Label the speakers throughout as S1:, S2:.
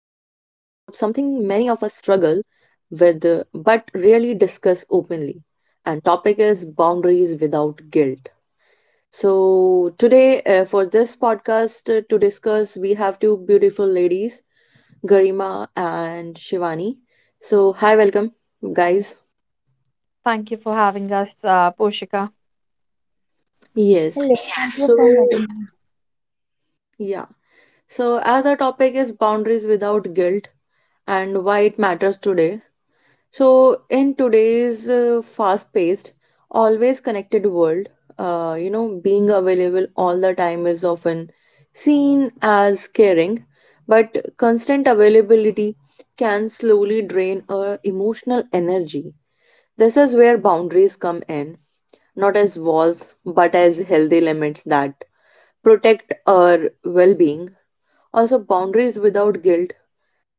S1: struggle with but rarely discuss openly. And topic is boundaries without guilt. So, today for this podcast to discuss, we have two beautiful ladies, Garima and Shivani. So, hi, welcome, guys.
S2: Thank you for having us, Poshika.
S1: Yes.
S3: Hello, thank you for
S1: So,
S3: letting me
S1: yeah. So, as our topic is boundaries without guilt and why it matters today. So, in today's fast paced, always connected world, being available all the time is often seen as caring, but constant availability can slowly drain our emotional energy. This is where boundaries come in, not as walls, but as healthy limits that protect our well being. Also, boundaries without guilt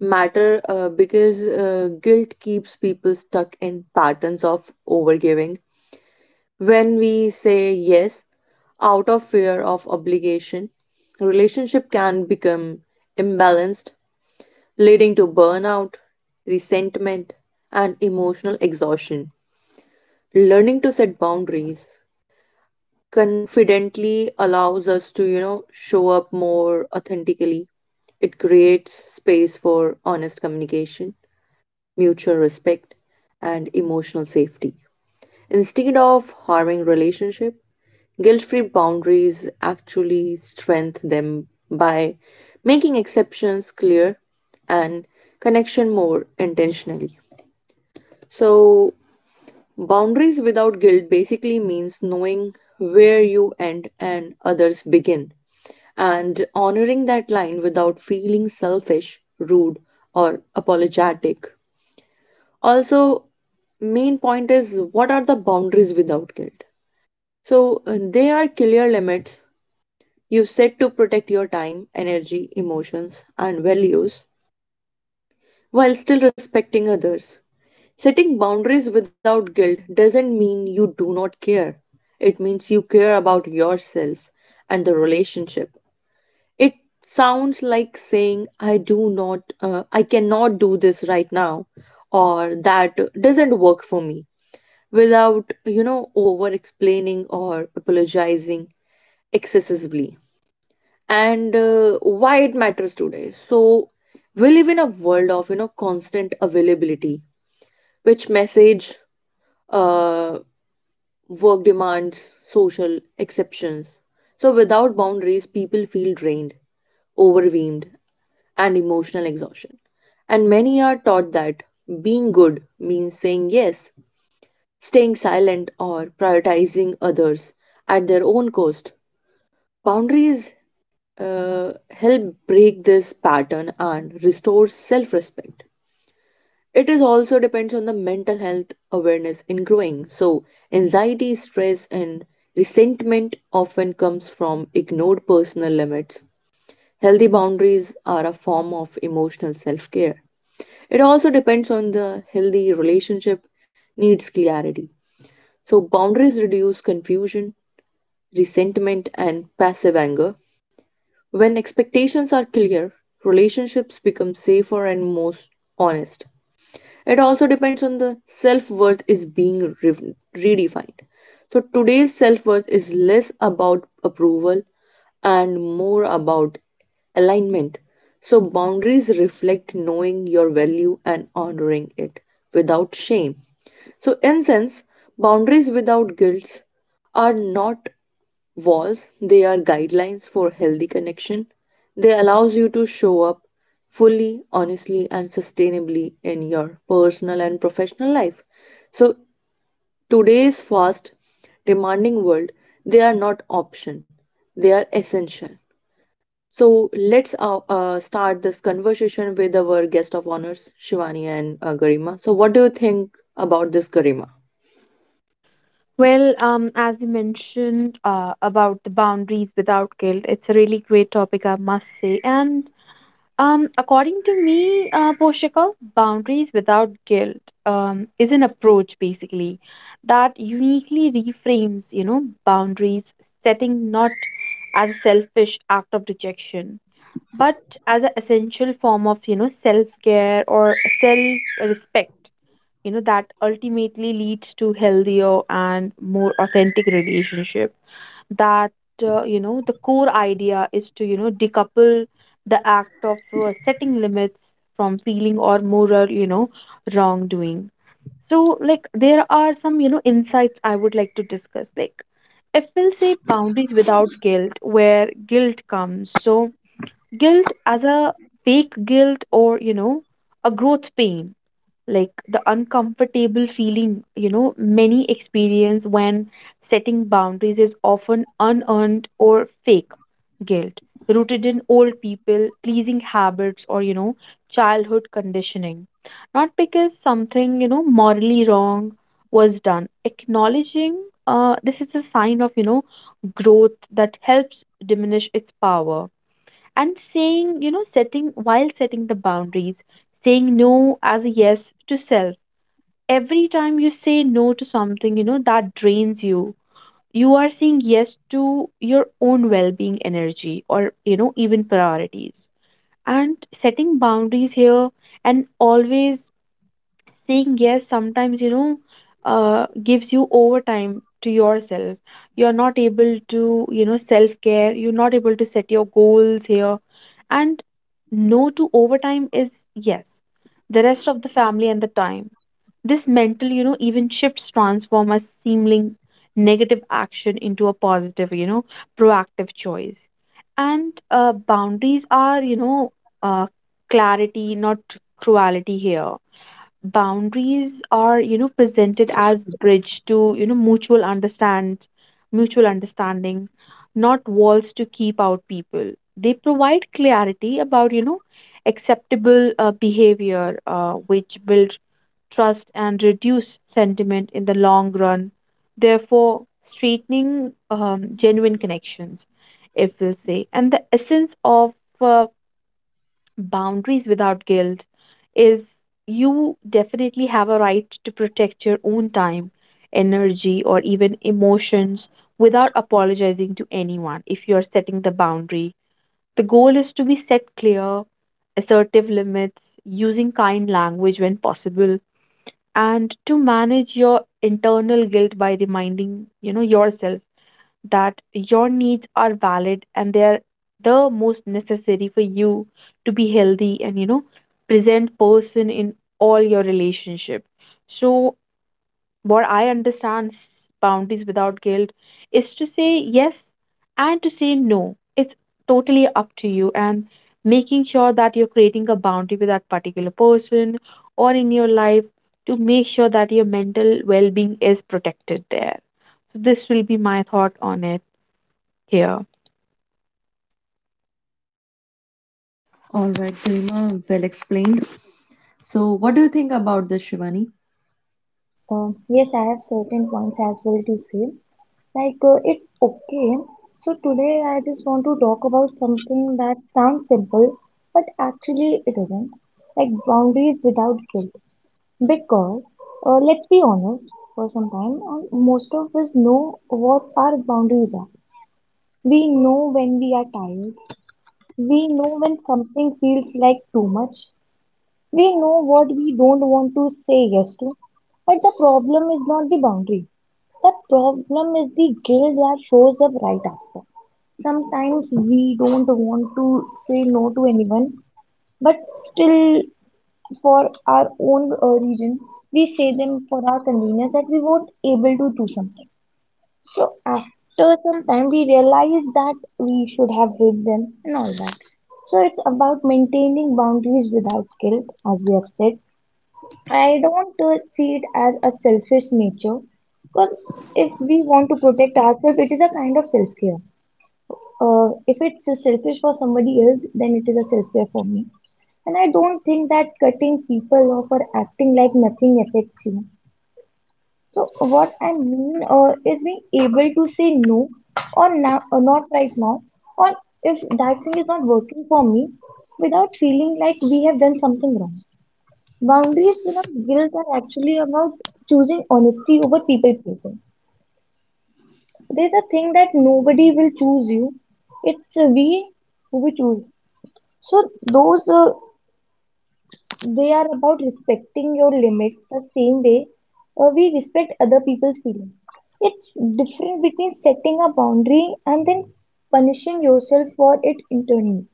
S1: matter because guilt keeps people stuck in patterns of overgiving. When we say yes out of fear of obligation, relationship can become imbalanced, leading to burnout, resentment, and emotional exhaustion. Learning to set boundaries confidently allows us to, show up more authentically. It creates space for honest communication, mutual respect, and emotional safety. Instead of harming relationship, guilt-free boundaries actually strengthen them by making exceptions clear and connection more intentionally. So, boundaries without guilt basically means knowing where you end and others begin, and honoring that line without feeling selfish, rude, or apologetic. Also, main point is, what are the boundaries without guilt? So, they are clear limits you set to protect your time, energy, emotions, and values while still respecting others. Setting boundaries without guilt doesn't mean you do not care. It means you care about yourself and the relationship. It sounds like saying, I do not, I cannot do this right now, or that doesn't work for me, without, over explaining or apologizing excessively. And why it matters today. So, we live in a world of, constant availability which message, uh, work demands social exceptions. So, without boundaries, people feel drained, overwhelmed, and emotional exhaustion. And many are taught that being good means saying yes, staying silent, or prioritizing others at their own cost. Boundaries help break this pattern and restore self respect. It is also depends on the mental health awareness in growing. So, anxiety, stress, and resentment often comes from ignored personal limits. Healthy boundaries are a form of emotional self care. It also depends on the healthy relationship needs clarity. So, boundaries reduce confusion, resentment, and passive anger. When expectations are clear, relationships become safer and most honest. It also depends on the self worth is being redefined. So today's self worth is less about approval and more about alignment. So boundaries reflect knowing your value and honoring it without shame. So, in sense, boundaries without guilt are not walls, they are guidelines for healthy connection. They allows you to show up fully, honestly and sustainably in your personal and professional life. So, today's fast demanding world, they are not option, they are essential. So, let's start this conversation with our guest of honors, Shivani and Garima. So, what do you think about this, Garima?
S2: As you mentioned about the boundaries without guilt, it's a really great topic, I must say. And According to me, Poshika, boundaries without guilt is an approach basically that uniquely reframes, boundaries setting not as a selfish act of rejection, but as an essential form of, self care or self respect that ultimately leads to healthier and more authentic relationship that the core idea is to decouple the act of setting limits from feeling or moral wrongdoing. So like there are some insights I would like to discuss. Like if we'll say boundaries without guilt, where guilt comes. So guilt as a fake guilt or a growth pain, like the uncomfortable feeling many experience when setting boundaries is often unearned or fake guilt rooted in old people pleasing habits or childhood conditioning, not because something morally wrong was done. Acknowledging this is a sign of growth that helps diminish its power. And saying setting, while setting the boundaries, saying no as a yes to self. Every time you say no to something that drains you, you are saying yes to your own well-being, energy, or even priorities. And setting boundaries here, and always saying yes sometimes, gives you overtime to yourself. You're not able to self care, you're not able to set your goals here. And no to overtime is yes the rest of the family and the time. This mental even shifts transform a seeming negative action into a positive proactive choice. And Boundaries are uh, clarity not cruelty here. Boundaries are presented as bridge to mutual understanding, not walls to keep out people. They provide clarity about acceptable behavior, which build trust and reduce sentiment in the long run, therefore straightening genuine connections. If we'll say, and the essence of uh, boundaries without guilt is, you definitely have a right to protect your own time, energy, or even emotions without apologizing to anyone if you are setting the boundary. The goal is to be set clear, assertive limits, using kind language when possible, and to manage your internal guilt by reminding, yourself that your needs are valid and they are the most necessary for you to be healthy and present person in all your relationship. So what I understand boundaries without guilt is to say yes and to say no, it's totally up to you, and making sure that you're creating a boundary with that particular person or in your life, to make sure that your mental well-being is protected there. So this will be my thought on it here.
S1: All right, Garima, well explained. So, what do you think about this, Shivani?
S3: know. Yes, I have certain points as well to say. Like, it's okay. So, today I just want to talk about something that sounds simple, but actually it isn't. Like, boundaries without guilt. Because, let's be honest for some time, and most of us know what our boundaries are. We know when we are tired, we know when something feels like too much. We know what we don't want to say yes to. But the problem is not the boundary. The problem is the guilt that shows up right after. Sometimes we don't want to say no to anyone, but still, for our own reasons, we say them for our convenience that we weren't able to do something. So after some time, we realize that we should have hid them and all that. So it's about maintaining boundaries without guilt, as we have said. I don't see it as a selfish nature, because if we want to protect ourselves, it is a kind of self care. If it's selfish for somebody else, then it is a self care for me. And I don't think that cutting people off or acting like nothing affects you. So, what I mean is being able to say no, or, now, or not right now, or if that thing is not working for me, without feeling like we have done something wrong. Boundaries without guilt are actually about choosing honesty over people pleasing. There's a thing that nobody will choose you. It's we who we choose. So those they are about respecting your limits the same way we respect other people's feelings. It's different between setting a boundary and then punishing yourself for it internally.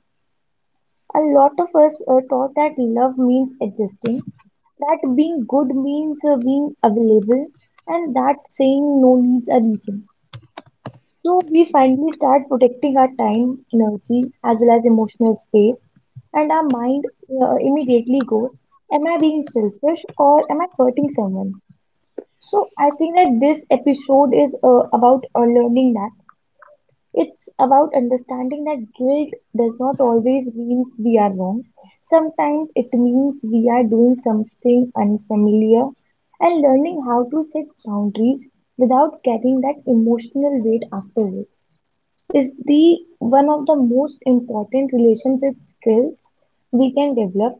S3: A lot of us are taught that love means existing, that being good means being available, and that saying no needs a reason. So we finally start protecting our time, energy, as well as emotional space, and our mind immediately goes, am I being selfish or am I hurting someone? So I think that this episode is about learning that it's about understanding that guilt does not always mean we are wrong. Sometimes it means we are doing something unfamiliar, and learning how to set boundaries without carrying that emotional weight afterwards is the one of the most important relationship skills we can develop.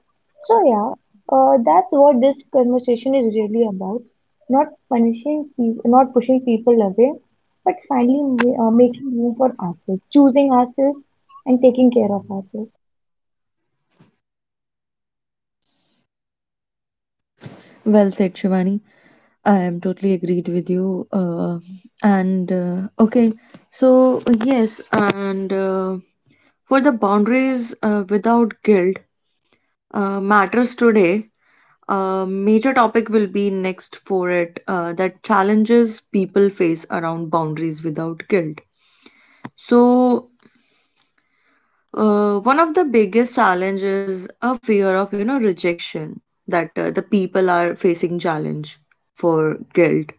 S3: So yeah, that's what this conversation is really about. Not punishing, not pushing people away, but finally making room for ourselves, choosing ourselves, and taking care of ourselves.
S1: Well said, Shivani. I am totally agreed with you. And okay, so yes, and for the boundaries without guilt matters today. A major topic will be next for it that challenges people face around boundaries without guilt. So, one of the biggest challenges a fear of rejection that the people are facing challenge for guilt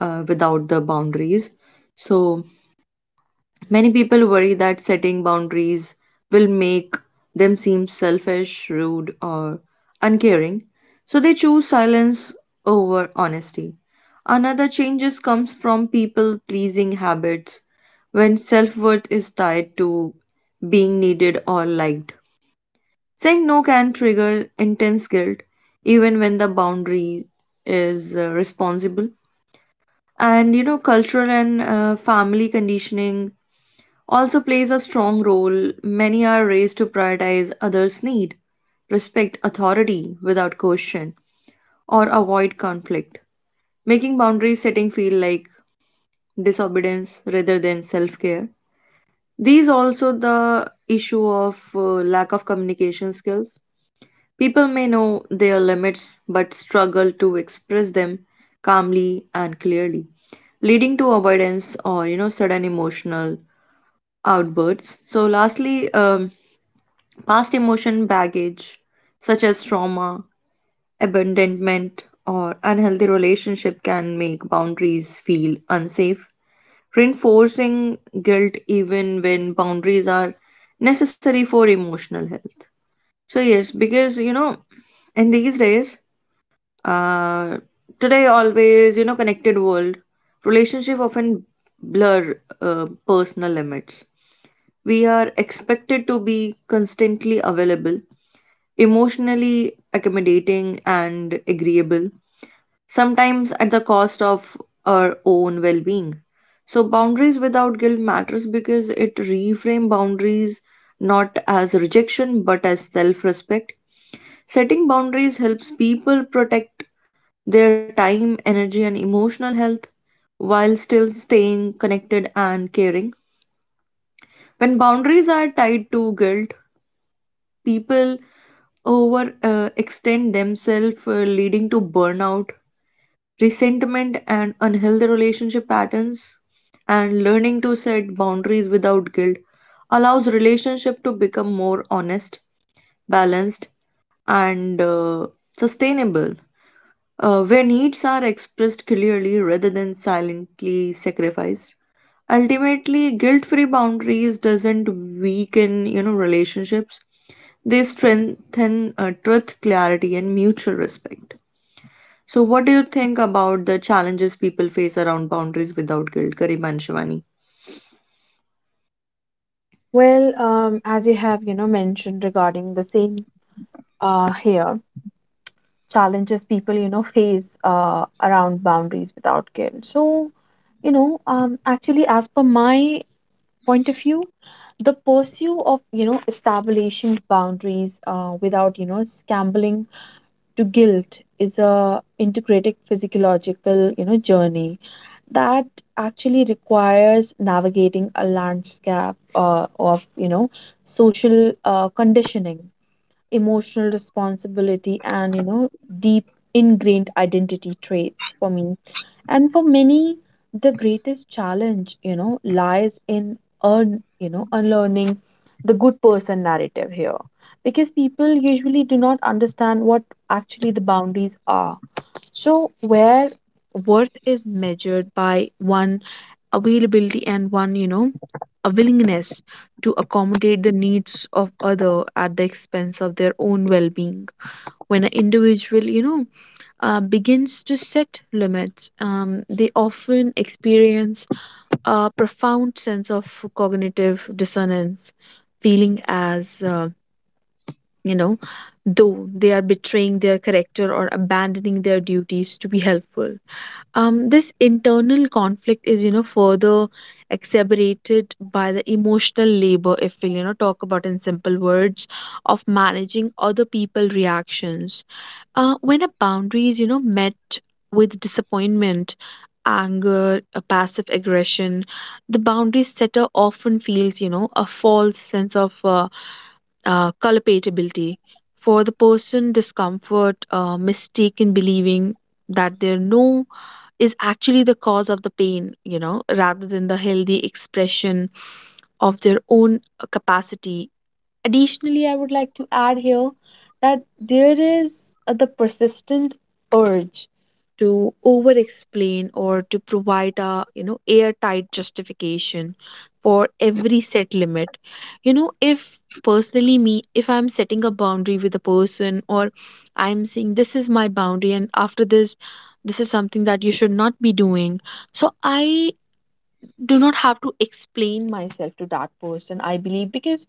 S1: without the boundaries. So many people worry that setting boundaries will make them seem selfish, rude, or uncaring, so they choose silence over honesty. Another changes comes from people pleasing habits when self worth is tied to being needed or liked. Saying no can trigger intense guilt even when the boundary is responsible. And you know, cultural and family conditioning also plays a strong role. Many are raised to prioritize others' need, respect authority without question, or avoid conflict, making boundary setting feel like disobedience rather than self care. These also the issue of lack of communication skills. People may know their limits but struggle to express them calmly and clearly, leading to avoidance or you know sudden emotional outbursts. So lastly, past emotion baggage, such as trauma, abandonment, or unhealthy relationship, can make boundaries feel unsafe, reinforcing guilt even when boundaries are necessary for emotional health. So, yes, because you know, in these days, uh, today, always, you know, connected world, relationship often blur personal limits. We are expected to be constantly available, emotionally accommodating, and agreeable, sometimes at the cost of our own well being. So, boundaries without guilt matters because it reframe boundaries not as rejection but as self respect. Setting boundaries helps people protect their time, energy, and emotional health while still staying connected and caring. When boundaries are tied to guilt, people over extend themselves, leading to burnout, resentment, and unhealthy relationship patterns. And learning to set boundaries without guilt allows relationship to become more honest, balanced, and sustainable, where needs are expressed clearly rather than silently sacrificed. Ultimately, guilt-free boundaries doesn't weaken you know relationships, they strengthen truth clarity and mutual respect. So what do you think about the challenges people face around boundaries without guilt, Karim and Shivani?
S2: As you have, mentioned regarding the same here, challenges people, face around boundaries without guilt. So, actually, as per my point of view, the pursuit of, establishing boundaries without, scrambling to guilt is a integrated physiological, journey that actually requires navigating a landscape of social conditioning, emotional responsibility, and deep ingrained identity traits. For me and for many, the greatest challenge lies in un, you know unlearning the good person narrative here, because people usually do not understand what actually the boundaries are. So where worth is measured by one availability and one a willingness to accommodate the needs of other at the expense of their own well-being. When an individual begins to set limits, they often experience a profound sense of cognitive dissonance, feeling as you know though they are betraying their character or abandoning their duties to be helpful. This internal conflict is further exacerbated by the emotional labor, if we talk about in simple words, of managing other people reactions. When a boundary is met with disappointment, anger, a passive aggression, the boundary setter often feels a false sense of culpability for the person discomfort, mistaken believing that there are no is actually the cause of the pain, rather than the healthy expression of their own capacity. Additionally, I would like to add here that there is the persistent urge to over explain or to provide a airtight justification for every set limit. If personally me, if I'm setting a boundary with a person, or I'm saying this is my boundary and after this, this is something that you should not be doing, so I do not have to explain myself to that person, I believe. Because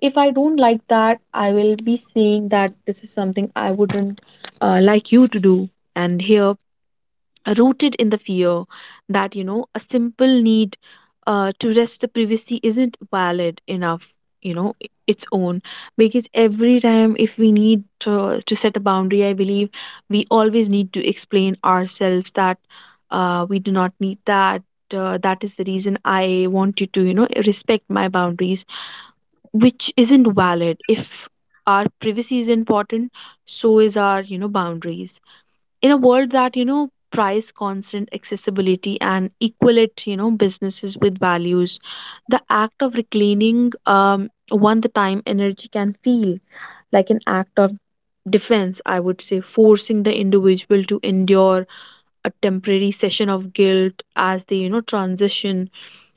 S2: if I don't like that, I will be saying that this is something I wouldn't like you to do. And here rooted in the fear that a simple need to rest the privacy isn't valid enough. Its own, because every time if we need to set a boundary, I believe we always need to explain ourselves that we do not need that, that is the reason I want you to respect my boundaries, which isn't valid. If our privacy is important, so is our boundaries. In a world that price constant accessibility and equate businesses with values, the act of reclaiming one the time energy can feel like an act of defense, I would say, forcing the individual to endure a temporary session of guilt as they transition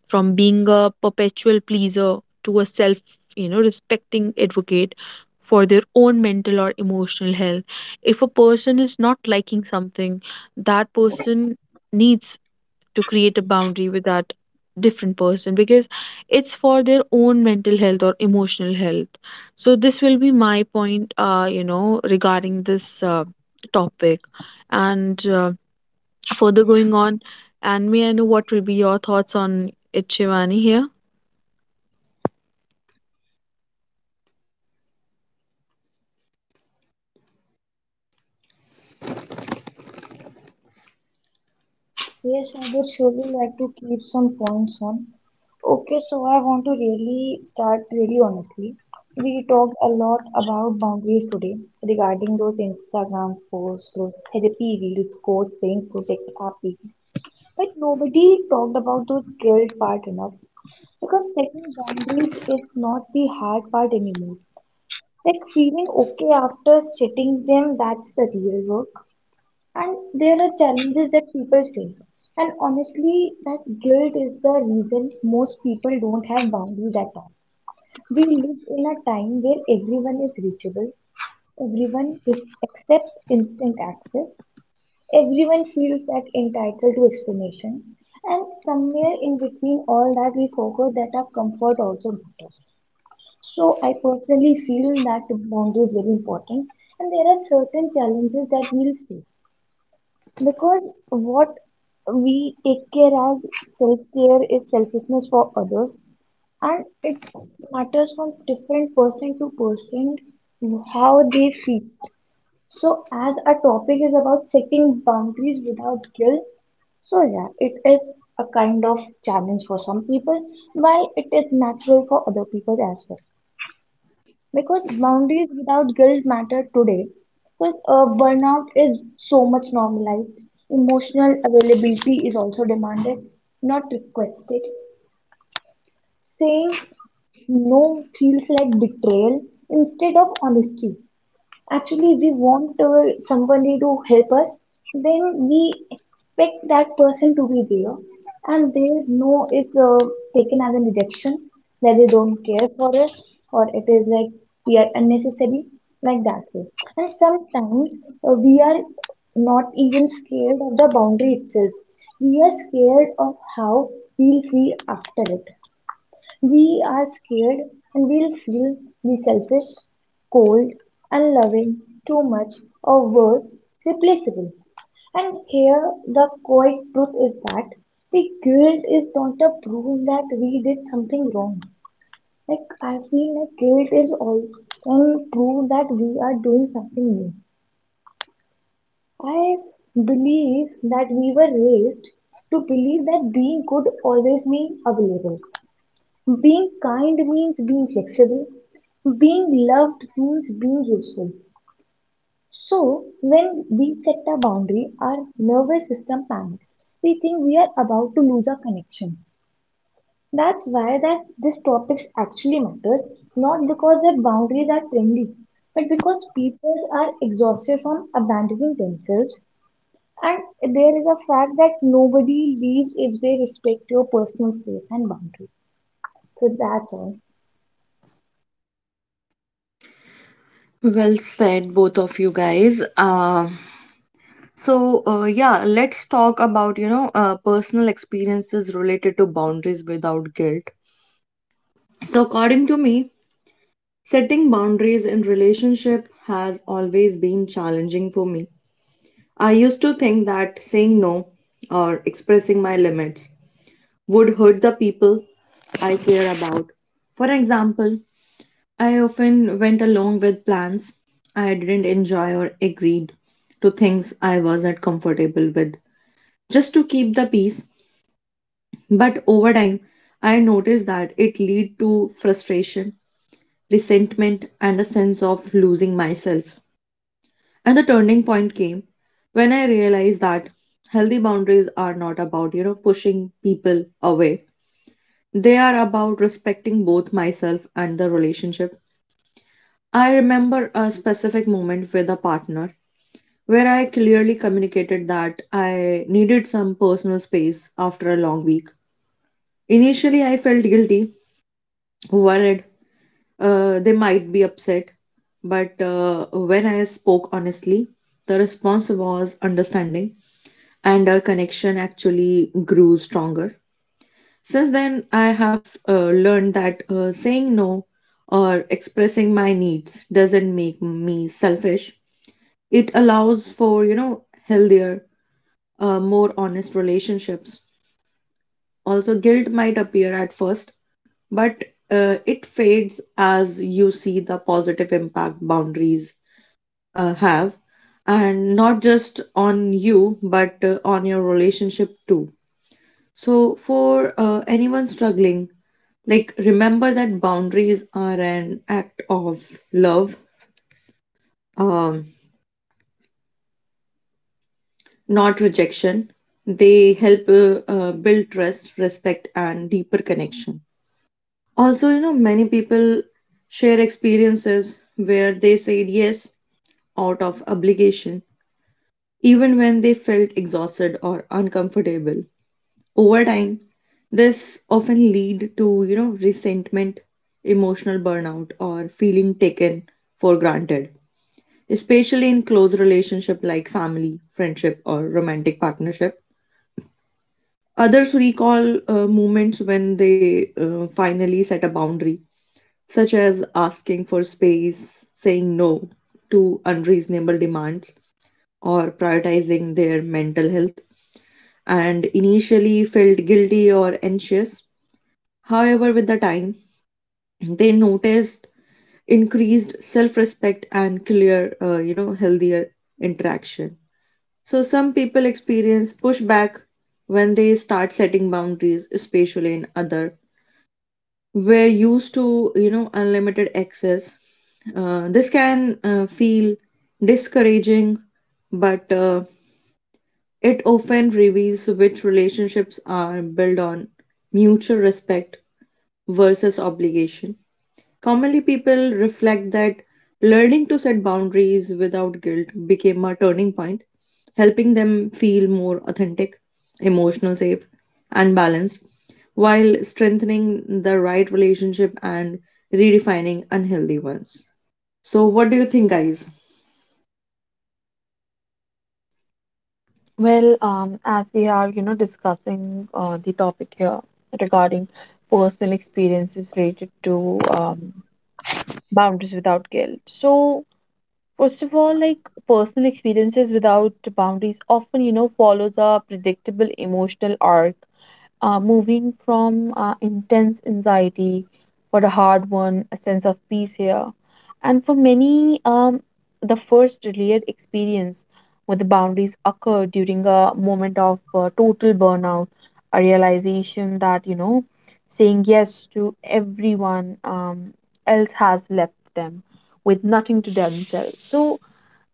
S2: from being a perpetual pleaser to a self respecting advocate for their own mental or emotional health. If a person is not liking something, that person needs to create a boundary with that different person, because it's for their own mental health or emotional health. So this will be my point regarding this topic, and further going on. And may I know what will be your thoughts on it, Shivani, here?
S3: Yes, I would surely like to keep some points on. Okay, so I want to really start really honestly. We talked a lot about boundaries today regarding those Instagram posts, those therapy reels, quotes saying protect our peace. But nobody talked about those guilt part enough, because setting boundaries is not the hard part anymore. Like feeling okay after setting them, that's the real work. And there are challenges that people face. And honestly, that guilt is the reason most people don't have boundaries at all. We live in a time where everyone is reachable, accepts instant access. Everyone feels that entitled to explanation, and somewhere in between all that, we forgot that our comfort also matters. So I personally feel that the boundary is very important, and there are certain challenges that we'll face, because what we take care as self care is selfishness for others, and it matters from different person to person how they feel. So, as our topic is about setting boundaries without guilt, so yeah, it is a kind of challenge for some people, while it is natural for other people as well. Because boundaries without guilt matter today. Because burnout is so much normalized. Emotional availability is also demanded, not requested. Saying no feels like betrayal instead of honesty. Actually we want somebody to help us, then we expect that person to be there. And their no is taken as a rejection, that they don't care for us, or it is like we are unnecessary, like that way. And sometimes we are not even scared of the boundary itself. We are scared of how we'll feel after it. We are scared and we'll feel the selfish, cold, unloving, too much, or worse, replaceable. And here the quiet truth is that the guilt is not a proof that we did something wrong. Like I feel like guilt is often proof that we are doing something new. I believe that we were raised to believe that being good always means available. Being kind means being flexible. Being loved means being useful. So, when we set a boundary, our nervous system panics. We think we are about to lose our connection. That's why that this topic actually matters, not because that boundaries are trendy, but because people are exhausted from abandoning themselves. And there is a fact that nobody leaves if they respect your personal space and boundaries. So that's all.
S1: Well said, both of you guys. So yeah, let's talk about you know personal experiences related to boundaries without guilt. So according to me, setting boundaries in relationship has always been challenging for me. I used to think that saying no or expressing my limits would hurt the people I care about. For example, I often went along with plans I didn't enjoy or agreed to things I wasn't comfortable with just to keep the peace. But over time, I noticed that it lead to frustration, resentment and a sense of losing myself. And the turning point came when I realized that healthy boundaries are not about, pushing people away. They are about respecting both myself and the relationship. I remember a specific moment with a partner where I clearly communicated that I needed some personal space after a long week. Initially, I felt guilty, worried, they might be upset, but when I spoke honestly, the response was understanding and our connection actually grew stronger. Since then, I have learned that saying no or expressing my needs doesn't make me selfish. It allows for, healthier, more honest relationships. Also, guilt might appear at first, but it fades as you see the positive impact boundaries have, and not just on you, but on your relationship too. So, for anyone struggling, like remember that boundaries are an act of love, um, not rejection. They help build trust, respect, and deeper connection. Also, you know, many people share experiences where they said yes out of obligation, even when they felt exhausted or uncomfortable. Over time, this often lead to, resentment, emotional burnout or feeling taken for granted, especially in close relationship like family, friendship or romantic partnership. Others recall moments when they finally set a boundary, such as asking for space, saying no to unreasonable demands, or prioritizing their mental health, and initially felt guilty or anxious. However, with the time, they noticed increased self-respect and clear, healthier interaction. So some people experience pushback when they start setting boundaries, especially in other. We're used to, unlimited access. This can feel discouraging, but it often reveals which relationships are built on mutual respect versus obligation. Commonly, people reflect that learning to set boundaries without guilt became a turning point, helping them feel more authentic, emotional safe, and balanced, while strengthening the right relationship and redefining unhealthy ones. So, what do you think, guys?
S2: As we are, discussing the topic here regarding personal experiences related to boundaries without guilt. So, first of all, like personal experiences without boundaries often, follows a predictable emotional arc, moving from intense anxiety for a hard one, a sense of peace here. And for many, the first real experience with the boundaries occur during a moment of total burnout, a realization that, saying yes to everyone else has left them with nothing to themselves. So,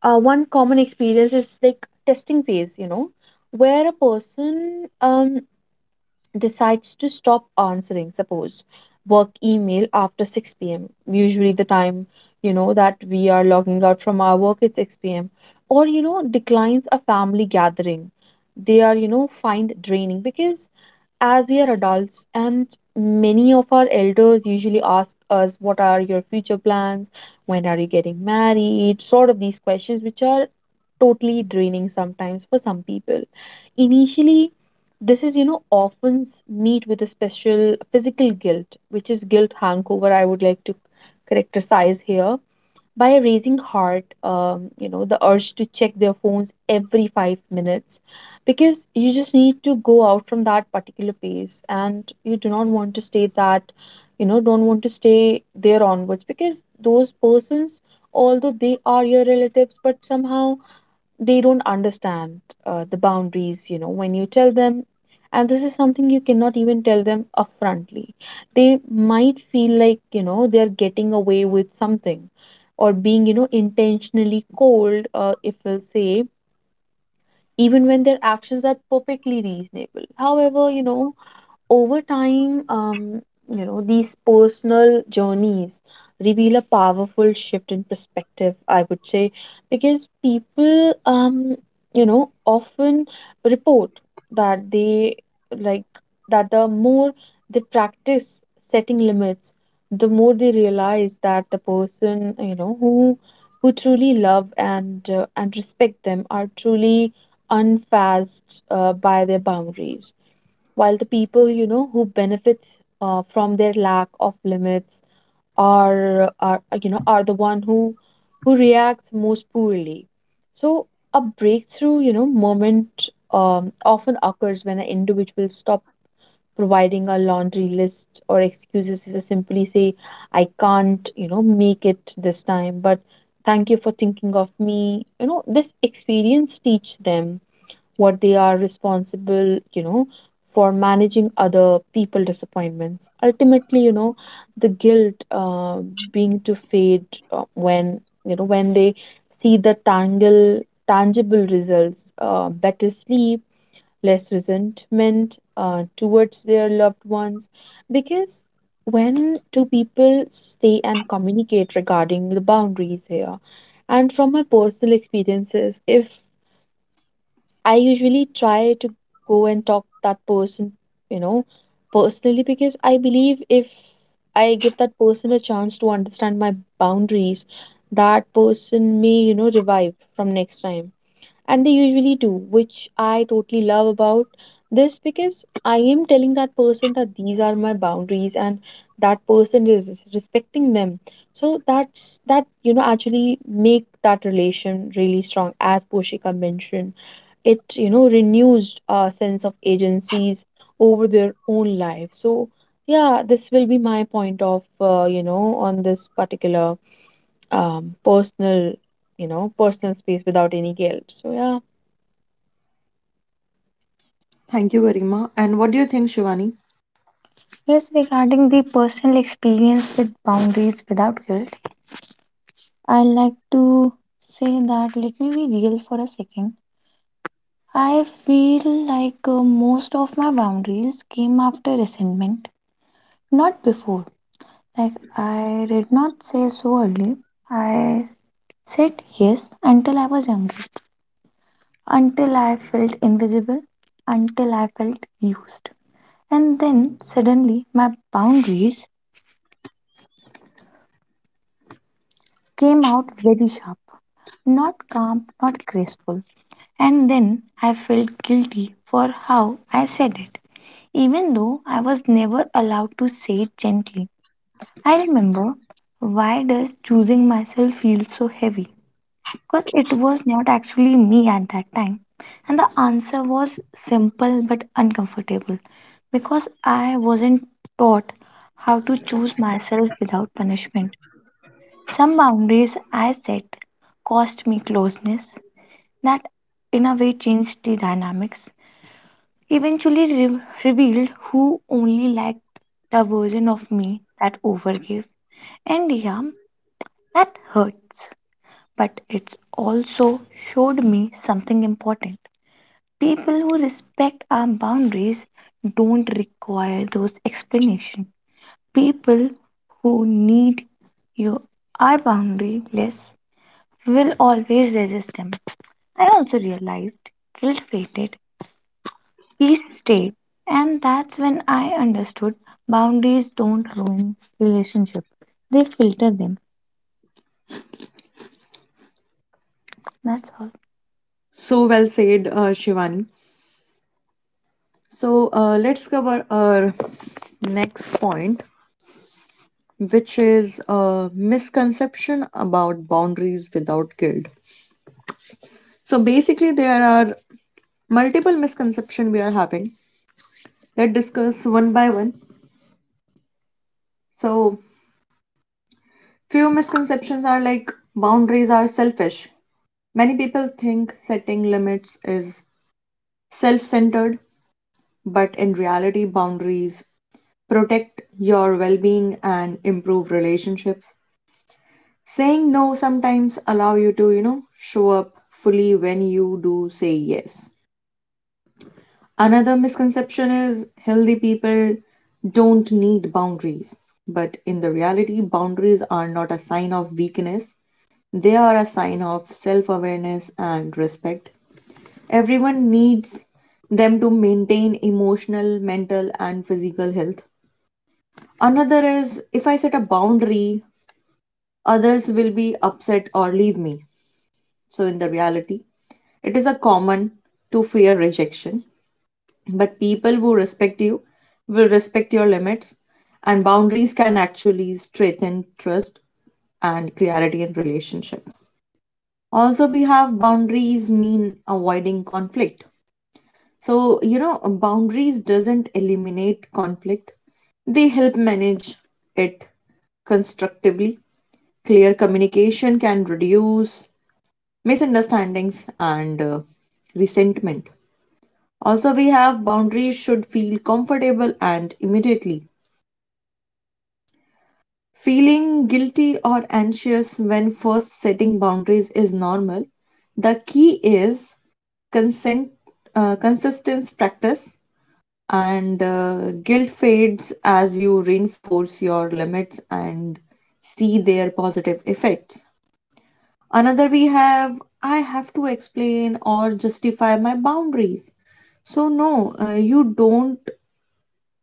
S2: one common experience is like testing phase, where a person decides to stop answering, suppose, work email after 6 p.m. Usually the time, that we are logging out from our work is 6 p.m. Or, declines a family gathering. They are, find draining because as we are adults and many of our elders usually ask us what are your future plans, when are you getting married, sort of these questions which are totally draining sometimes for some people. Initially, this is, often meet with a special physical guilt, which is guilt hangover, I would like to characterize here, by a raising heart, the urge to check their phones every 5 minutes, because you just need to go out from that particular place and you do not want to stay that, don't want to stay there onwards, because those persons, although they are your relatives, but somehow they don't understand the boundaries when you tell them. And this is something you cannot even tell them upfrontly. They might feel like they're getting away with something or being intentionally cold, if we'll say, even when their actions are perfectly reasonable. However, over time, these personal journeys reveal a powerful shift in perspective, I would say, because people, often report that they like that the more they practice setting limits, the more they realize that the person, who truly love and respect them are truly unfazed by their boundaries, while the people who benefits from their lack of limits are you know are the one who reacts most poorly. So a breakthrough moment often occurs when an individual stop providing a laundry list or excuses to simply say, I can't make it this time, but thank you for thinking of me. This experience teach them what they are responsible, for managing Other people disappointments. Ultimately, the guilt being to fade when when they see the tangle tangible results, better sleep, less resentment towards their loved ones, because when two people stay and communicate regarding the boundaries here. And from my personal experiences, if I usually try to go and talk that person, you know, personally, because I believe if I give that person a chance to understand my boundaries, that person may, revive from next time. And they usually do, which I totally love about this, because I am telling that person that these are my boundaries and that person is respecting them. So that's that, actually make that relation really strong. As Poshika mentioned it, renews our sense of agencies over their own life. So yeah, this will be my point of on this particular personal personal space without any guilt. So yeah.
S1: Thank you, Garima. And what do you think, Shivani?
S3: Yes, regarding the personal experience with boundaries without guilt, I like to say that let me be real for a second. I feel like most of my boundaries came after resentment, not before. Like, I did not say so early. I said yes until I was angry, until I felt invisible, until I felt used. And then suddenly my boundaries came out very sharp. Not calm, not graceful. And then I felt guilty for how I said it, even though I was never allowed to say it gently. I remember, why does choosing myself feel so heavy? Because it was not actually me at that time. And the answer was simple but uncomfortable, because I wasn't taught how to choose myself without punishment. Some boundaries I set cost me closeness, that in a way changed the dynamics, eventually revealed who only liked the version of me that overgave. And yeah, that hurts, but it's also showed me something important. People who respect our boundaries don't require those explanations. People who need you are boundaryless will always resist them. I also realized guilt faded peace state. And that's when I understood boundaries don't ruin relationship. They filter them. That's all.
S1: So well said, Shivani. So, let's cover our next point which is a misconception about boundaries without guilt. So basically, there are multiple misconceptions we are having. Let's discuss one by one. So, few misconceptions are like boundaries are selfish. Many people think setting limits is self centered, but in reality, boundaries protect your well being and improve relationships. Saying no sometimes allow you to, show up fully when you do say yes. Another misconception is healthy people don't need boundaries. But in the reality, boundaries are not a sign of weakness. They are a sign of self-awareness and respect. Everyone needs them to maintain emotional, mental and physical health. Another is, if I set a boundary, others will be upset or leave me. So in the reality, it is a common to fear rejection, but people who respect you will respect your limits, and boundaries can actually strengthen trust and clarity in relationship. Also, we have boundaries mean avoiding conflict. Boundaries doesn't eliminate conflict. They help manage it constructively. Clear communication can reduce misunderstandings and resentment. Also, we have boundaries should feel comfortable and immediately. Feeling guilty or anxious when first setting boundaries is normal. The key is consent, consistent practice, and guilt fades as you reinforce your limits and see their positive effects. Another, we have I have to explain or justify my boundaries. So, no, you don't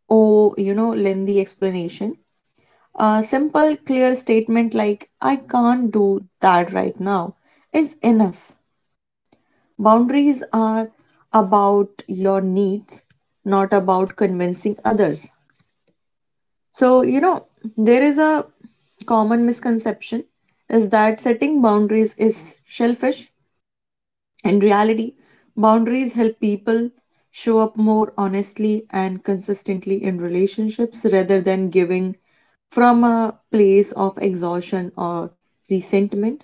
S1: lengthy explanation. A simple, clear statement like, I can't do that right now, is enough. Boundaries are about your needs, not about convincing others. So, you know, there is a common misconception is that setting boundaries is selfish. In reality, boundaries help people show up more honestly and consistently in relationships rather than giving from a place of exhaustion or resentment.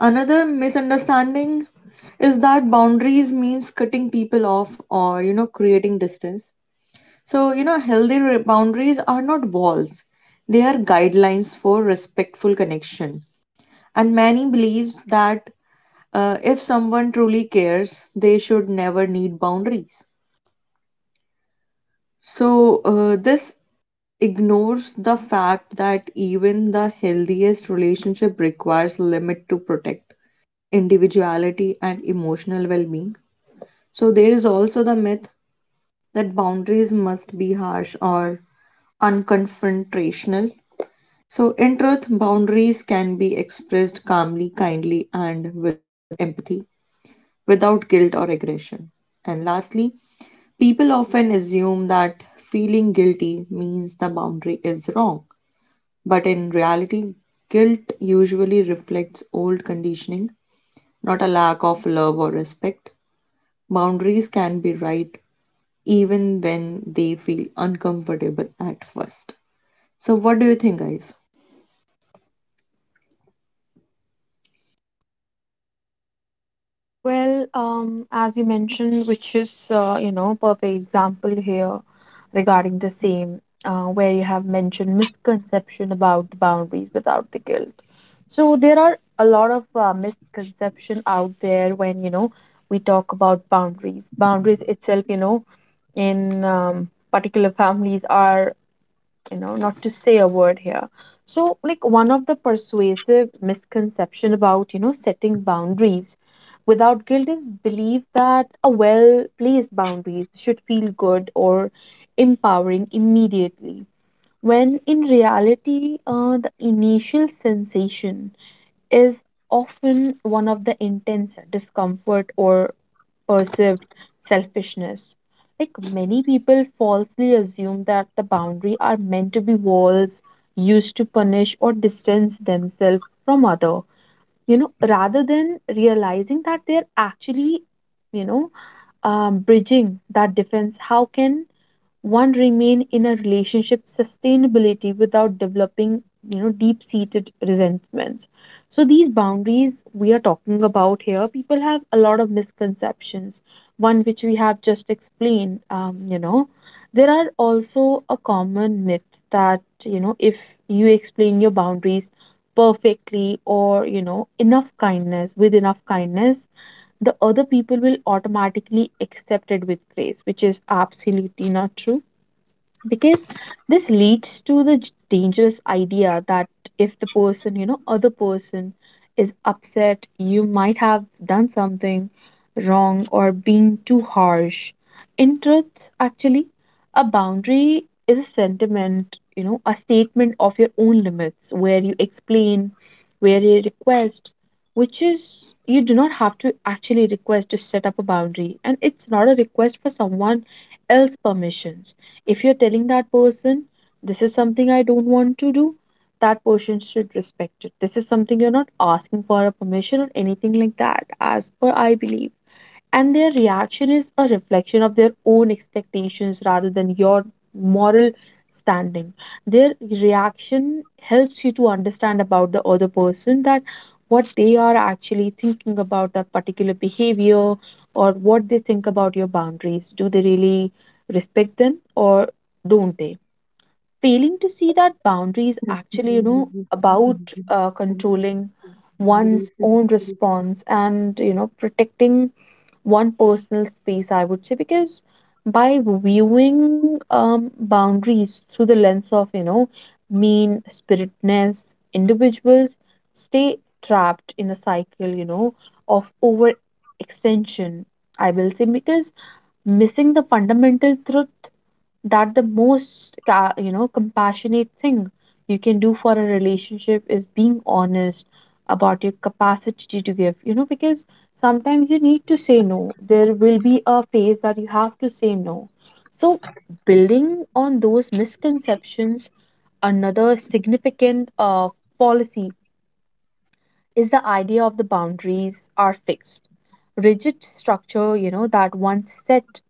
S1: Another misunderstanding is that boundaries means cutting people off or, you know, creating distance. So, you know, healthy boundaries are not walls. They are guidelines for respectful connection, and many believes that if someone truly cares, they should never need boundaries. so this ignores the fact that even the healthiest relationship requires limit to protect individuality and emotional well-being. So there is also the myth that boundaries must be harsh or unconfrontational. So in truth, boundaries can be expressed calmly, kindly, and with empathy, without guilt or aggression. And lastly, people often assume that feeling guilty means the boundary is wrong. But in reality, guilt usually reflects old conditioning, not a lack of love or respect. Boundaries can be right even when they feel uncomfortable at first. So, what do you think, guys?
S2: Well, as you mentioned, which is perfect example here regarding the same, where you have mentioned misconception about the boundaries without the guilt. So there are a lot of misconception out there when we talk about boundaries. Boundaries itself, in particular families are, not to say a word here. So, like, one of the persuasive misconception about, setting boundaries without guilt is belief that a well placed boundaries should feel good or empowering immediately. When in reality, the initial sensation is often one of the intense discomfort or perceived selfishness. Like many people falsely assume that the boundary are meant to be walls used to punish or distance themselves from other, rather than realizing that they're actually, you know, bridging that defense. How can one remain in a relationship sustainability without developing, deep seated resentments? So these boundaries we are talking about here, people have a lot of misconceptions, one which we have just explained. There are also a common myth that, if you explain your boundaries perfectly or you know enough kindness with enough kindness, the other people will automatically accept it with grace, which is absolutely not true, because this leads to the dangerous idea that if the person, other person is upset, you might have done something wrong or been too harsh. In truth, actually, a boundary is a sentiment, a statement of your own limits where you explain, where you request, which is you do not have to actually request to set up a boundary, and it's not a request for someone else permission. If you're telling that person, this is something I don't want to do, that person should respect it. This is something you're not asking for a permission or anything like that, as per I believe. And their reaction is a reflection of their own expectations rather than your moral standing. Their reaction helps you to understand about the other person, that what they are actually thinking about that particular behavior, or what they think about your boundaries. Do they really respect them or don't they? Failing to see that boundaries actually, about controlling one's own response and, protecting one personal space, I would say, because by viewing boundaries through the lens of, mean spiritedness, individuals stay trapped in a cycle, of overextension, I will say, because missing the fundamental truth that the most compassionate thing you can do for a relationship is being honest about your capacity to give, because sometimes you need to say no. There will be a phase that you have to say no. So building on those misconceptions, another significant policy is the idea of the boundaries are fixed rigid structure, that once set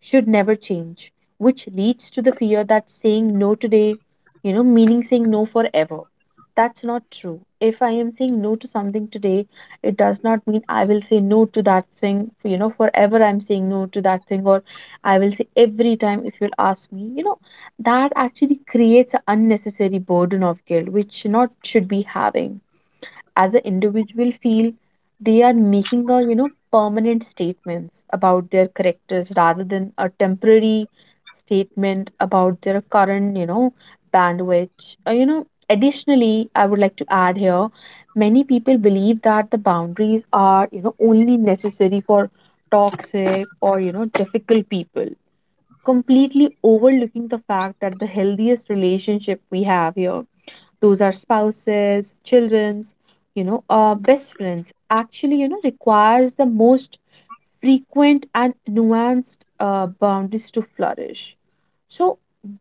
S2: should never change, which leads to the fear that saying no today, meaning saying no forever. That's not true. If I am saying no to something today, it does not mean I will say no to that thing, forever I'm saying no to that thing, or I will say every time if you'll ask me, that actually creates an unnecessary burden of guilt, which not should be having as an individual feel they are making a permanent statements about their characters rather than a temporary statement about their current, bandwidth. Additionally, I would like to add here, many people believe that the boundaries are, only necessary for toxic or, difficult people, completely overlooking the fact that the healthiest relationship we have here, those are spouses, children's, best friends, actually, requires the most frequent and nuanced boundaries to flourish. So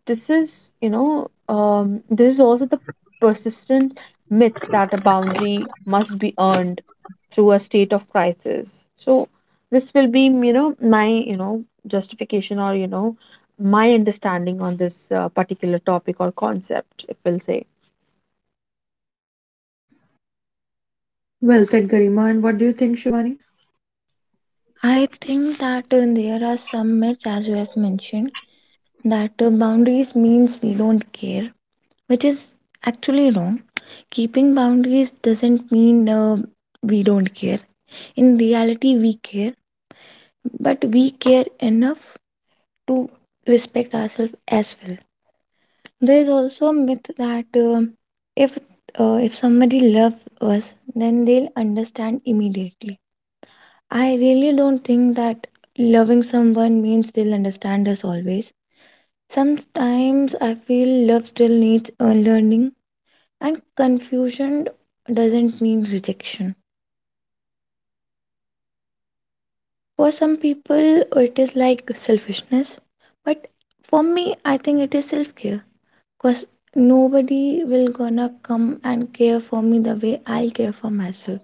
S2: this is, this is also the persistent myth that a boundary must be earned through a state of crisis. So this will be, my, justification or, my understanding on this particular topic or concept, it will say.
S1: Well said, Garima. And what do you think, Shivani?
S3: I think that there are some myths, as you have mentioned, that boundaries means we don't care, which is actually wrong. Keeping boundaries doesn't mean we don't care. In reality, we care, but we care enough to respect ourselves as well. There is also a myth that if if somebody loves us, then they'll understand immediately. I really don't think that loving someone means they'll understand us always. Sometimes I feel love still needs learning, and confusion doesn't mean rejection. For some people, it is like selfishness, but for me, I think it is self care. Cause nobody will gonna come and care for me the way I'll care for myself.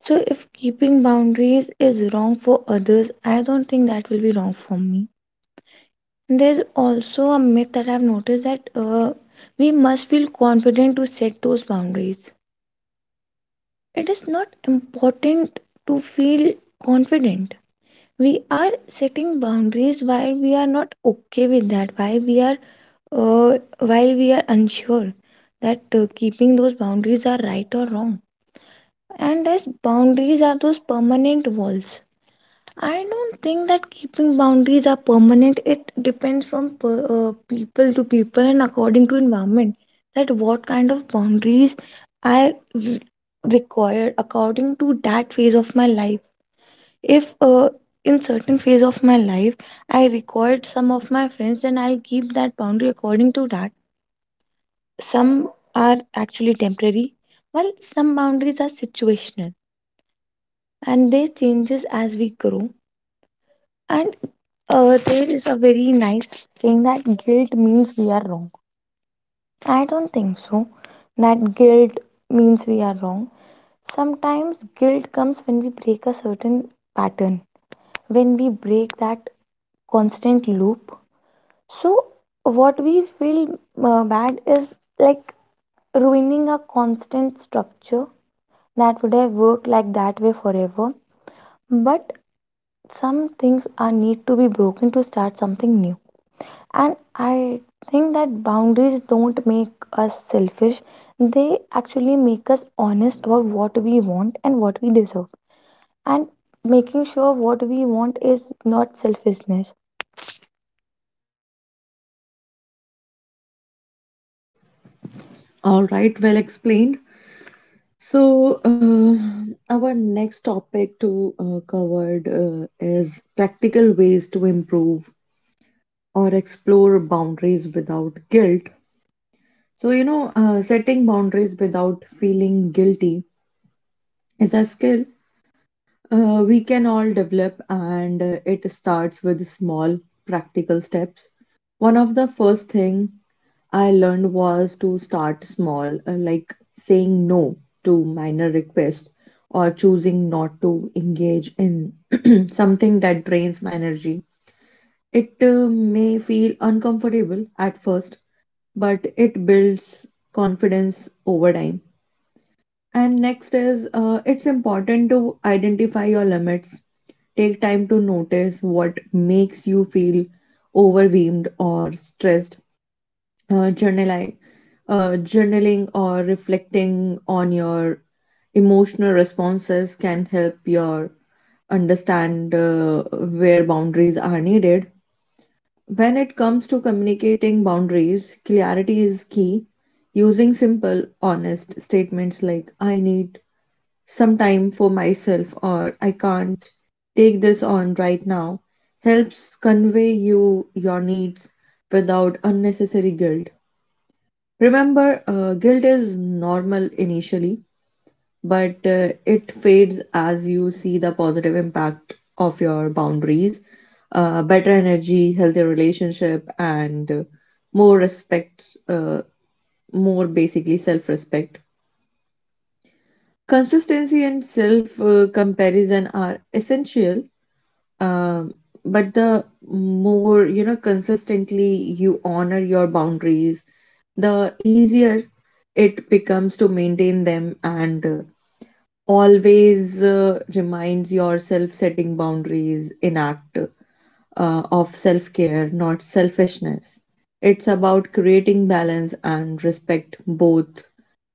S3: So if keeping boundaries is wrong for others, I don't think that will be wrong for me. There's also a myth that I've noticed that we must feel confident to set those boundaries. It is not important to feel confident. We are setting boundaries while we are not okay with that, why we are while we are unsure that keeping those boundaries are right or wrong. And as boundaries are those permanent walls. I don't think that keeping boundaries are permanent. It depends from people to people and according to environment that what kind of boundaries are re- required according to that phase of my life. If in certain phase of my life I required some of my friends, then I'll keep that boundary according to that. Some are actually temporary, while some boundaries are situational and they changes as we grow. And there is a very nice saying that guilt means we are wrong. I don't think so. That guilt means we are wrong. Sometimes guilt comes when we break a certain pattern, when we break that constant loop. So, what we feel bad is like ruining a constant structure that would have worked like that way forever. But some things are need to be broken to start something new. And I think that boundaries don't make us selfish. They actually make us honest about what we want and what we deserve. And making sure what we want is not selfishness.
S1: All right, well explained. So, our next topic to covered is practical ways to improve or explore boundaries without guilt. So, you know, setting boundaries without feeling guilty is a skill we can all develop, and it starts with small practical steps. One of the first thing I learned was to start small, like saying no to minor requests or choosing not to engage in something that drains my energy. It may feel uncomfortable at first, but it builds confidence over time. And next is it's important to identify your limits. Take time to notice what makes you feel overwhelmed or stressed. uh, journaling, Journaling or reflecting on your emotional responses can help your understand where boundaries are needed. When it comes to communicating boundaries, clarity is key. Using simple, honest statements like "I need some time for myself" or "I can't take this on right now" helps convey you your needs without unnecessary guilt. Remember, guilt is normal initially, but it fades as you see the positive impact of your boundaries, better energy, healthier relationship, and more respect, more basically self respect. Consistency and self comparison are essential, um, but the more, you know, consistently you honor your boundaries, the easier it becomes to maintain them, and always reminds yourself, setting boundaries in act of self-care, not selfishness. It's about creating balance and respect both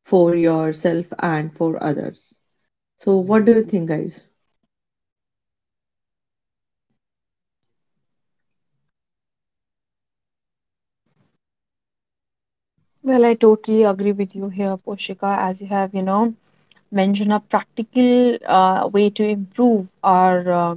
S1: for yourself and for others. So what do you think, guys?
S2: Well, I totally agree with you here, Poshika, as you have, mentioned a practical way to improve our, uh,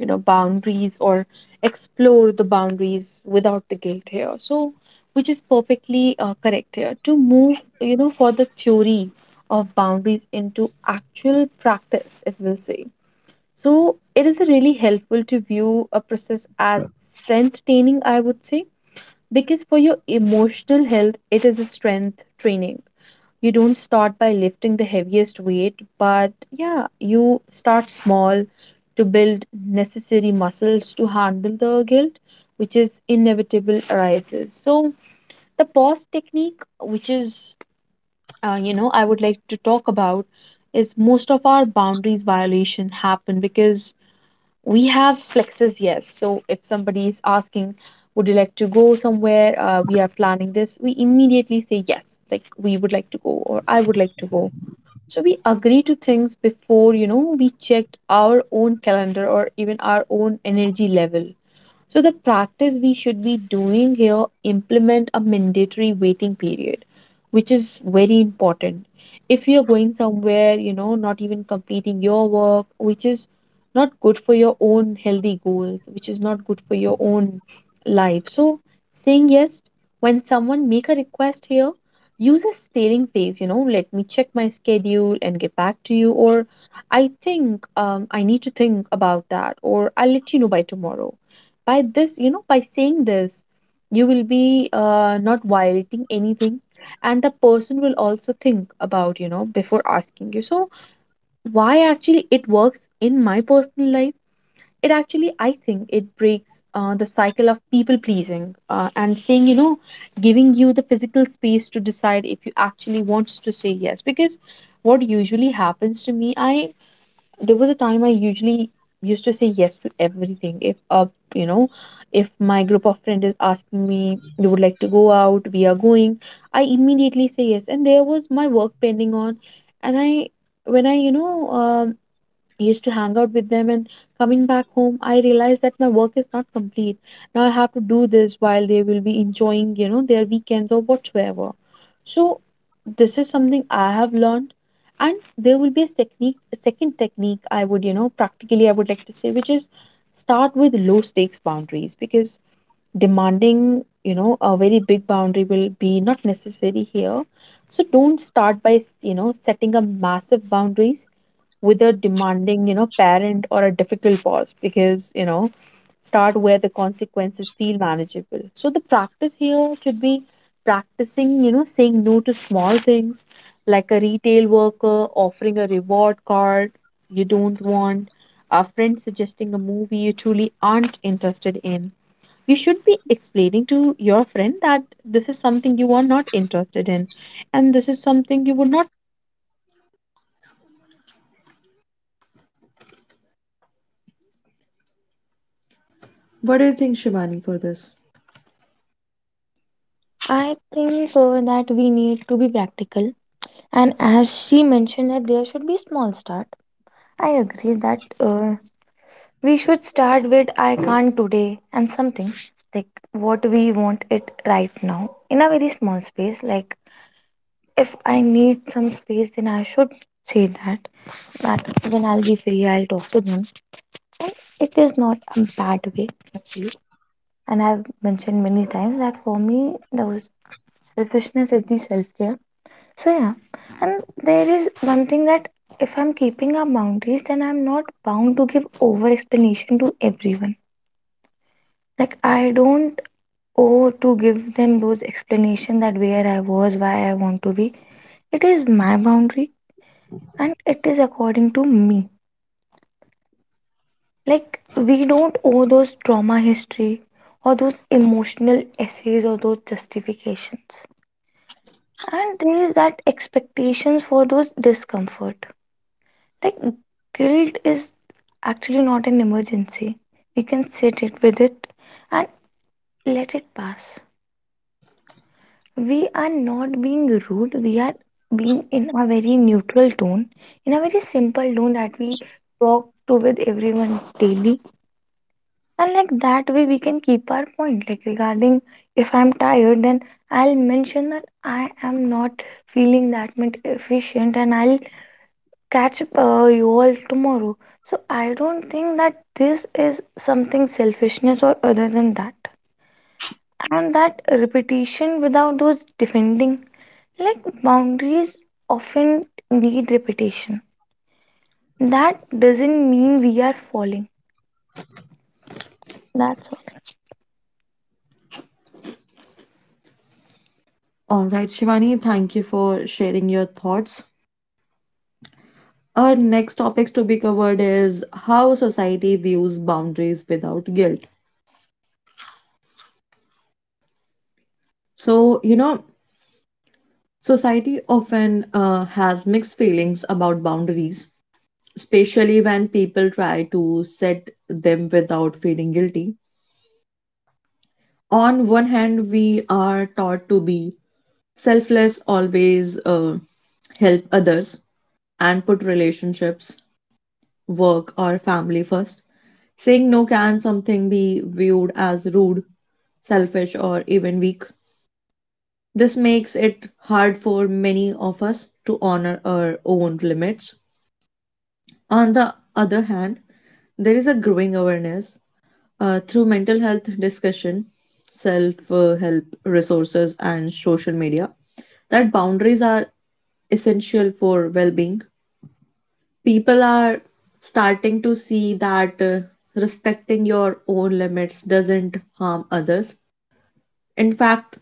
S2: you know, boundaries or explore the boundaries without the guilt here. So, which is perfectly correct here. To move, for the theory of boundaries into actual practice, if we'll say. So, it is really helpful to view a process as strength training, I would say, because for your emotional health, it is a strength training. You don't start by lifting the heaviest weight, but yeah, you start small to build necessary muscles to handle the guilt, which is inevitable arises. So the pause technique, which is I would like to talk about, is most of our boundaries violation happen because we have flexes, yes. So if somebody is asking, would you like to go somewhere? We are planning this. We immediately say yes, like we would like to go or I would like to go. So we agree to things before, we checked our own calendar or even our own energy level. So the practice we should be doing here, implement a mandatory waiting period, which is very important. If you're going somewhere, not even completing your work, which is not good for your own healthy goals, which is not good for your own life. So saying yes when someone make a request here, use a staring face, let me check my schedule and get back to you, or I think I need to think about that, or I'll let you know by tomorrow. By this, by saying this, you will be not violating anything, and the person will also think about, before asking you. So why actually it works in my personal life? It actually, I think, it breaks the cycle of people pleasing, and saying, giving you the physical space to decide if you actually wants to say yes. Because what usually happens to me, I there was a time I usually used to say yes to everything. If you know, if my group of friends is asking me, you would like to go out, we are going, I immediately say yes. And there was my work pending on, and I when I you know I used to hang out with them, and coming back home I realized that my work is not complete. Now I have to do this while they will be enjoying, their weekends or whatsoever. So this is something I have learned. And there will be a technique, a second technique I would, practically I would like to say, which is start with low stakes boundaries, because demanding, a very big boundary will be not necessary here. So don't start by, setting up massive boundaries without demanding, parent or a difficult boss, because, start where the consequences feel manageable. So the practice here should be practicing, saying no to small things like a retail worker offering a reward card you don't want, a friend suggesting a movie you truly aren't interested in. You should be explaining to your friend that this is something you are not interested in, and this is something you would not.
S1: What do you think, Shivani, for this?
S3: I think that we need to be practical. And as she mentioned that there should be small start. I agree that we should start with I can't today and something like what we want it right now in a very small space. Like if I need some space, then I should say that. That when I'll be free, I'll talk to them. And it is not a bad way actually. And I've mentioned many times that for me, the selfishness is the self care. So yeah, and there is one thing that if I'm keeping up boundaries, then I'm not bound to give over explanation to everyone. Like I don't. Oh, to give them those explanation that where I was, why I want to be, it is my boundary and it is according to me. Like we don't owe those trauma history or those emotional essays or those justifications. And there is that expectations for those discomfort. Like guilt is actually not an emergency. We can sit it with it and let it pass. We are not being rude, we are being in a very neutral tone, in a very simple tone that we talk to with everyone daily. And like that way we can keep our point, like regarding if I'm tired, then I'll mention that I am not feeling that much efficient and I'll catch up you all tomorrow. So I don't think that this is something selfishness or other than that. And that repetition without those defending, like boundaries often need repetition. That doesn't mean we are falling. That's all.
S1: All right, Shivani, thank you for sharing your thoughts. Our next topics to be covered is how society views boundaries without guilt. So, you know, society often has mixed feelings about boundaries, especially when people try to set them without feeling guilty. On one hand, we are taught to be selfless, always help others, and put relationships, work, or family first. Saying no can something be viewed as rude, selfish, or even weak. This makes it hard for many of us to honor our own limits. On the other hand, there is a growing awareness through mental health discussion, self help resources, and social media that boundaries are essential for well being. People are starting to see that respecting your own limits doesn't harm others. In fact,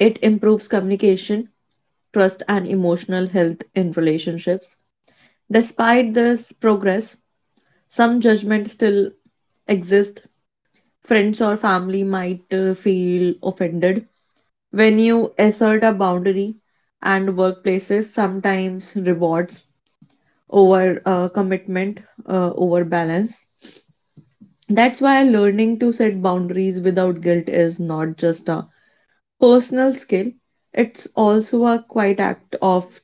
S1: it improves communication, trust, and emotional health in relationships. Despite this progress, some judgment still exist. Friends or family might feel offended when you assert a boundary, and workplaces sometimes rewards over commitment over balance. That's why learning to set boundaries without guilt is not just a personal skill, it's also a quiet act of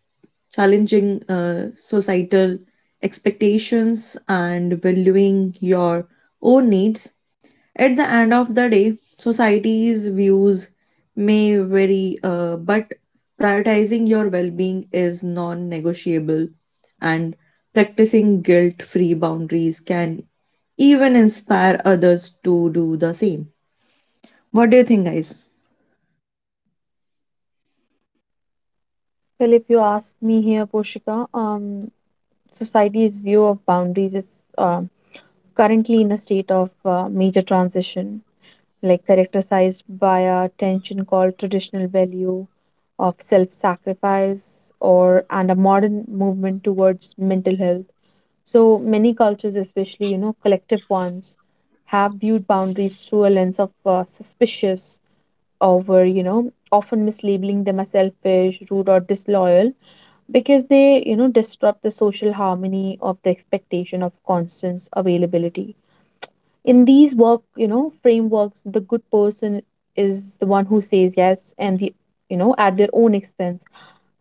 S1: challenging societal expectations and valuing your own needs. At the end of the day, society's views may vary, but prioritizing your well being is non negotiable, and practicing guilt free boundaries can even inspire others to do the same. What do you think, guys?
S2: Well, if you ask me here, Poshika, society's view of boundaries is uh, currently in a state of major transition, like characterized by a tension called traditional value of self-sacrifice or and a modern movement towards mental health. So many cultures, especially, collective ones, have viewed boundaries through a lens of suspicious over, often mislabeling them as selfish, rude, or disloyal, because they, disrupt the social harmony of the expectation of constant availability. In these work, frameworks, the good person is the one who says yes, and the, at their own expense.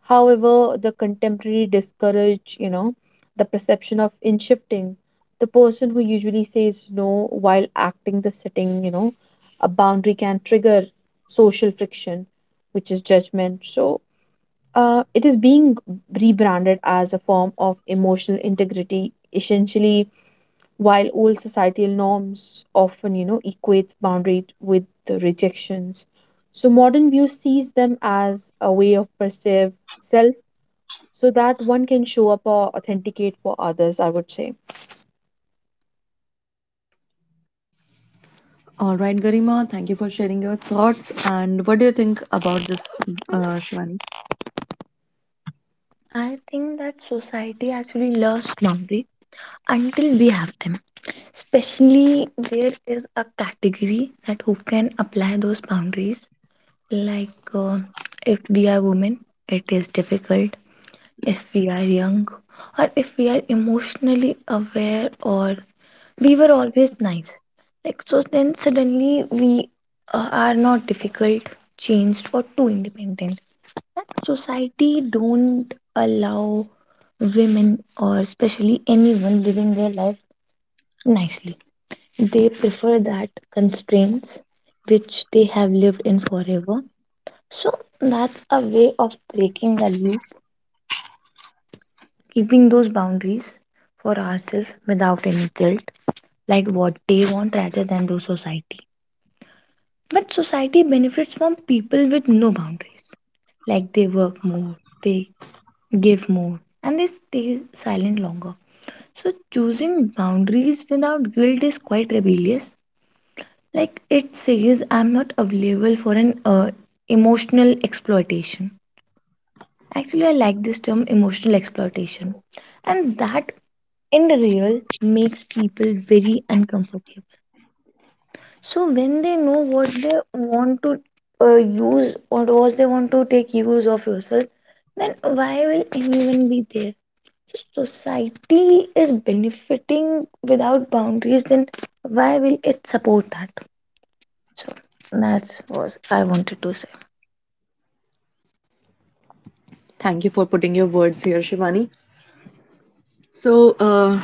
S2: However, the contemporary discourage, the perception of in shifting. The person who usually says no, while acting the setting, a boundary can trigger social friction, which is judgment. So it is being rebranded as a form of emotional integrity, essentially, while old societal norms often, equates boundary with the rejections. So modern view sees them as a way of perceive self, so that one can show up or authenticate for others, I would say.
S1: All right, Garima, thank you for sharing your thoughts. And what do you think about this, Shivani?
S3: I think that society actually loves boundaries until we have them. Especially there is a category that who can apply those boundaries. Like, if we are women, it is difficult. If we are young, or if we are emotionally aware or we were always nice. Like so, then suddenly we are not difficult, changed, or too independent. That society don't allow women or especially anyone living their life nicely. They prefer that constraints which they have lived in forever. So that's a way of breaking the loop, keeping those boundaries for ourselves without any guilt, like what they want rather than those society. But society benefits from people with no boundaries. Like they work more, they give more, and they stay silent longer. So choosing boundaries without guilt is quite rebellious. Like it says, I'm not available for an emotional exploitation. Actually, I like this term emotional exploitation. And that in the real makes people very uncomfortable. So when they know what they want to use or what they want to take use of yourself, then why will anyone be there? So society is benefiting without boundaries, then why will it support that? So that's what I wanted to say.
S1: Thank you for putting your words here, Shivani. So,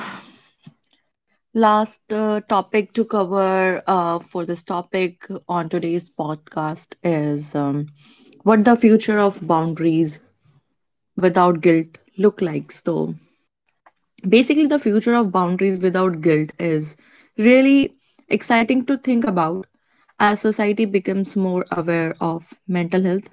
S1: last topic to cover for this topic on today's podcast is what the future of boundaries without guilt look like. So, basically the future of boundaries without guilt is really exciting to think about as society becomes more aware of mental health,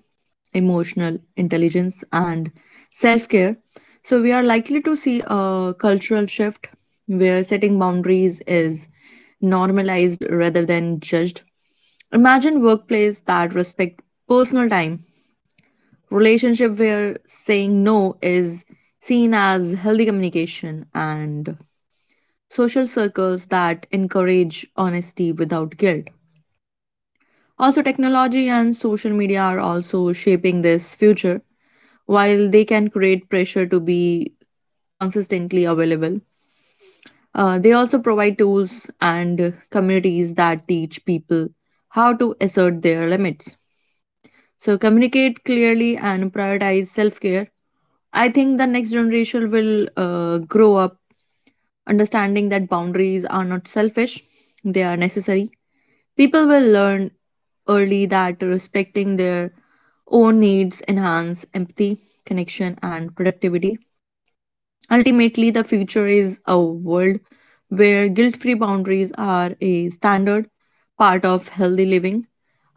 S1: emotional intelligence, and self-care. So we are likely to see a cultural shift where setting boundaries is normalized rather than judged. Imagine workplace that respect personal time, relationship where saying no is seen as healthy communication, and social circles that encourage honesty without guilt. Also, technology and social media are also shaping this future. While they can create pressure to be consistently available, they also provide tools and communities that teach people how to assert their limits, so communicate clearly and prioritize self care. I think the next generation will grow up understanding that boundaries are not selfish, they are necessary. People will learn early that respecting their own needs enhance empathy, connection, and productivity. Ultimately, the future is a world where guilt free boundaries are a standard part of healthy living,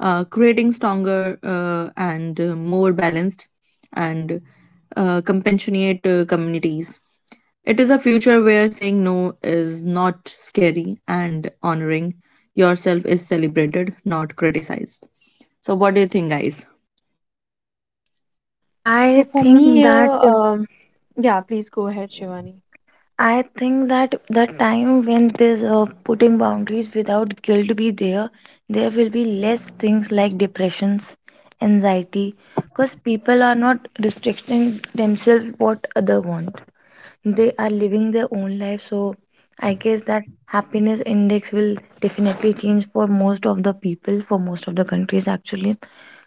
S1: creating stronger and more balanced and compassionate communities. It is a future where saying no is not scary and honoring yourself is celebrated, not criticized. So, what do you think, guys?
S2: So
S3: I
S2: for me
S3: think
S2: here,
S3: that
S2: yeah, please go ahead, Shivani.
S3: I think that the time when this putting boundaries without guilt be there, there will be less things like depressions, anxiety, because people are not restricting themselves what other want. They are living their own life, so I guess that happiness index will definitely change for most of the people, for most of the countries actually,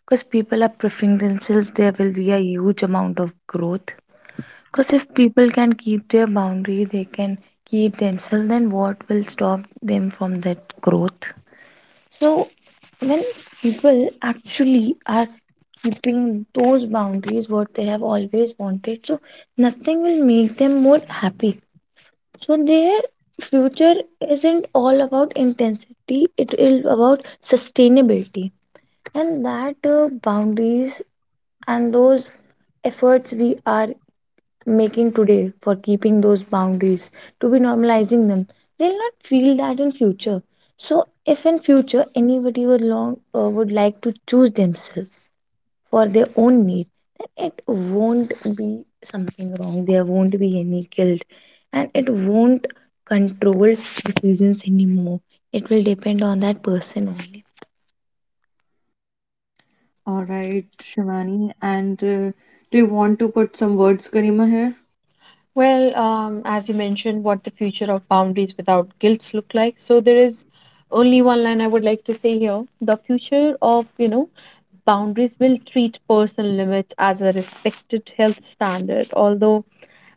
S3: because people are preferring themselves. There will be a huge amount of growth. Because if people can keep their boundary, they can keep themselves, then what will stop them from that growth? So, when people actually are keeping those boundaries, what they have always wanted, so nothing will make them more happy. So, their future isn't all about intensity, it is about sustainability. And that boundaries and those efforts we are making today for keeping those boundaries to be normalizing them, they'll not feel that in future. So if in future anybody would long would like to choose themselves for their own need, then it won't be something wrong. There won't be any guilt, and it won't control decisions anymore. It will depend on that person only.
S1: All right, Shivani. And do you want to put some words, Karima, here?
S2: Well, as you mentioned, what the future of boundaries without guilt look like. So there is only one line I would like to say here. The future of, boundaries will treat personal limits as a respected health standard, although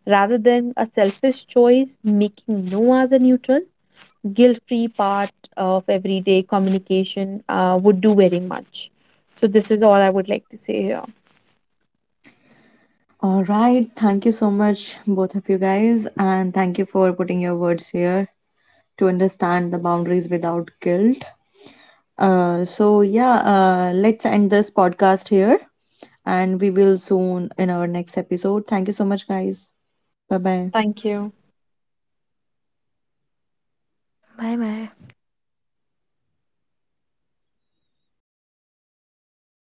S2: rather than a selfish choice, making no as a neutral, guilt-free part of everyday communication would do very much. So this is all I would like to say here.
S1: All right. Thank you so much, both of you guys. And thank you for putting your words here to understand the boundaries without guilt. So, yeah, let's end this podcast here. And we will soon in our next episode. Thank you so much, guys. Bye bye.
S2: Thank you.
S3: Bye bye.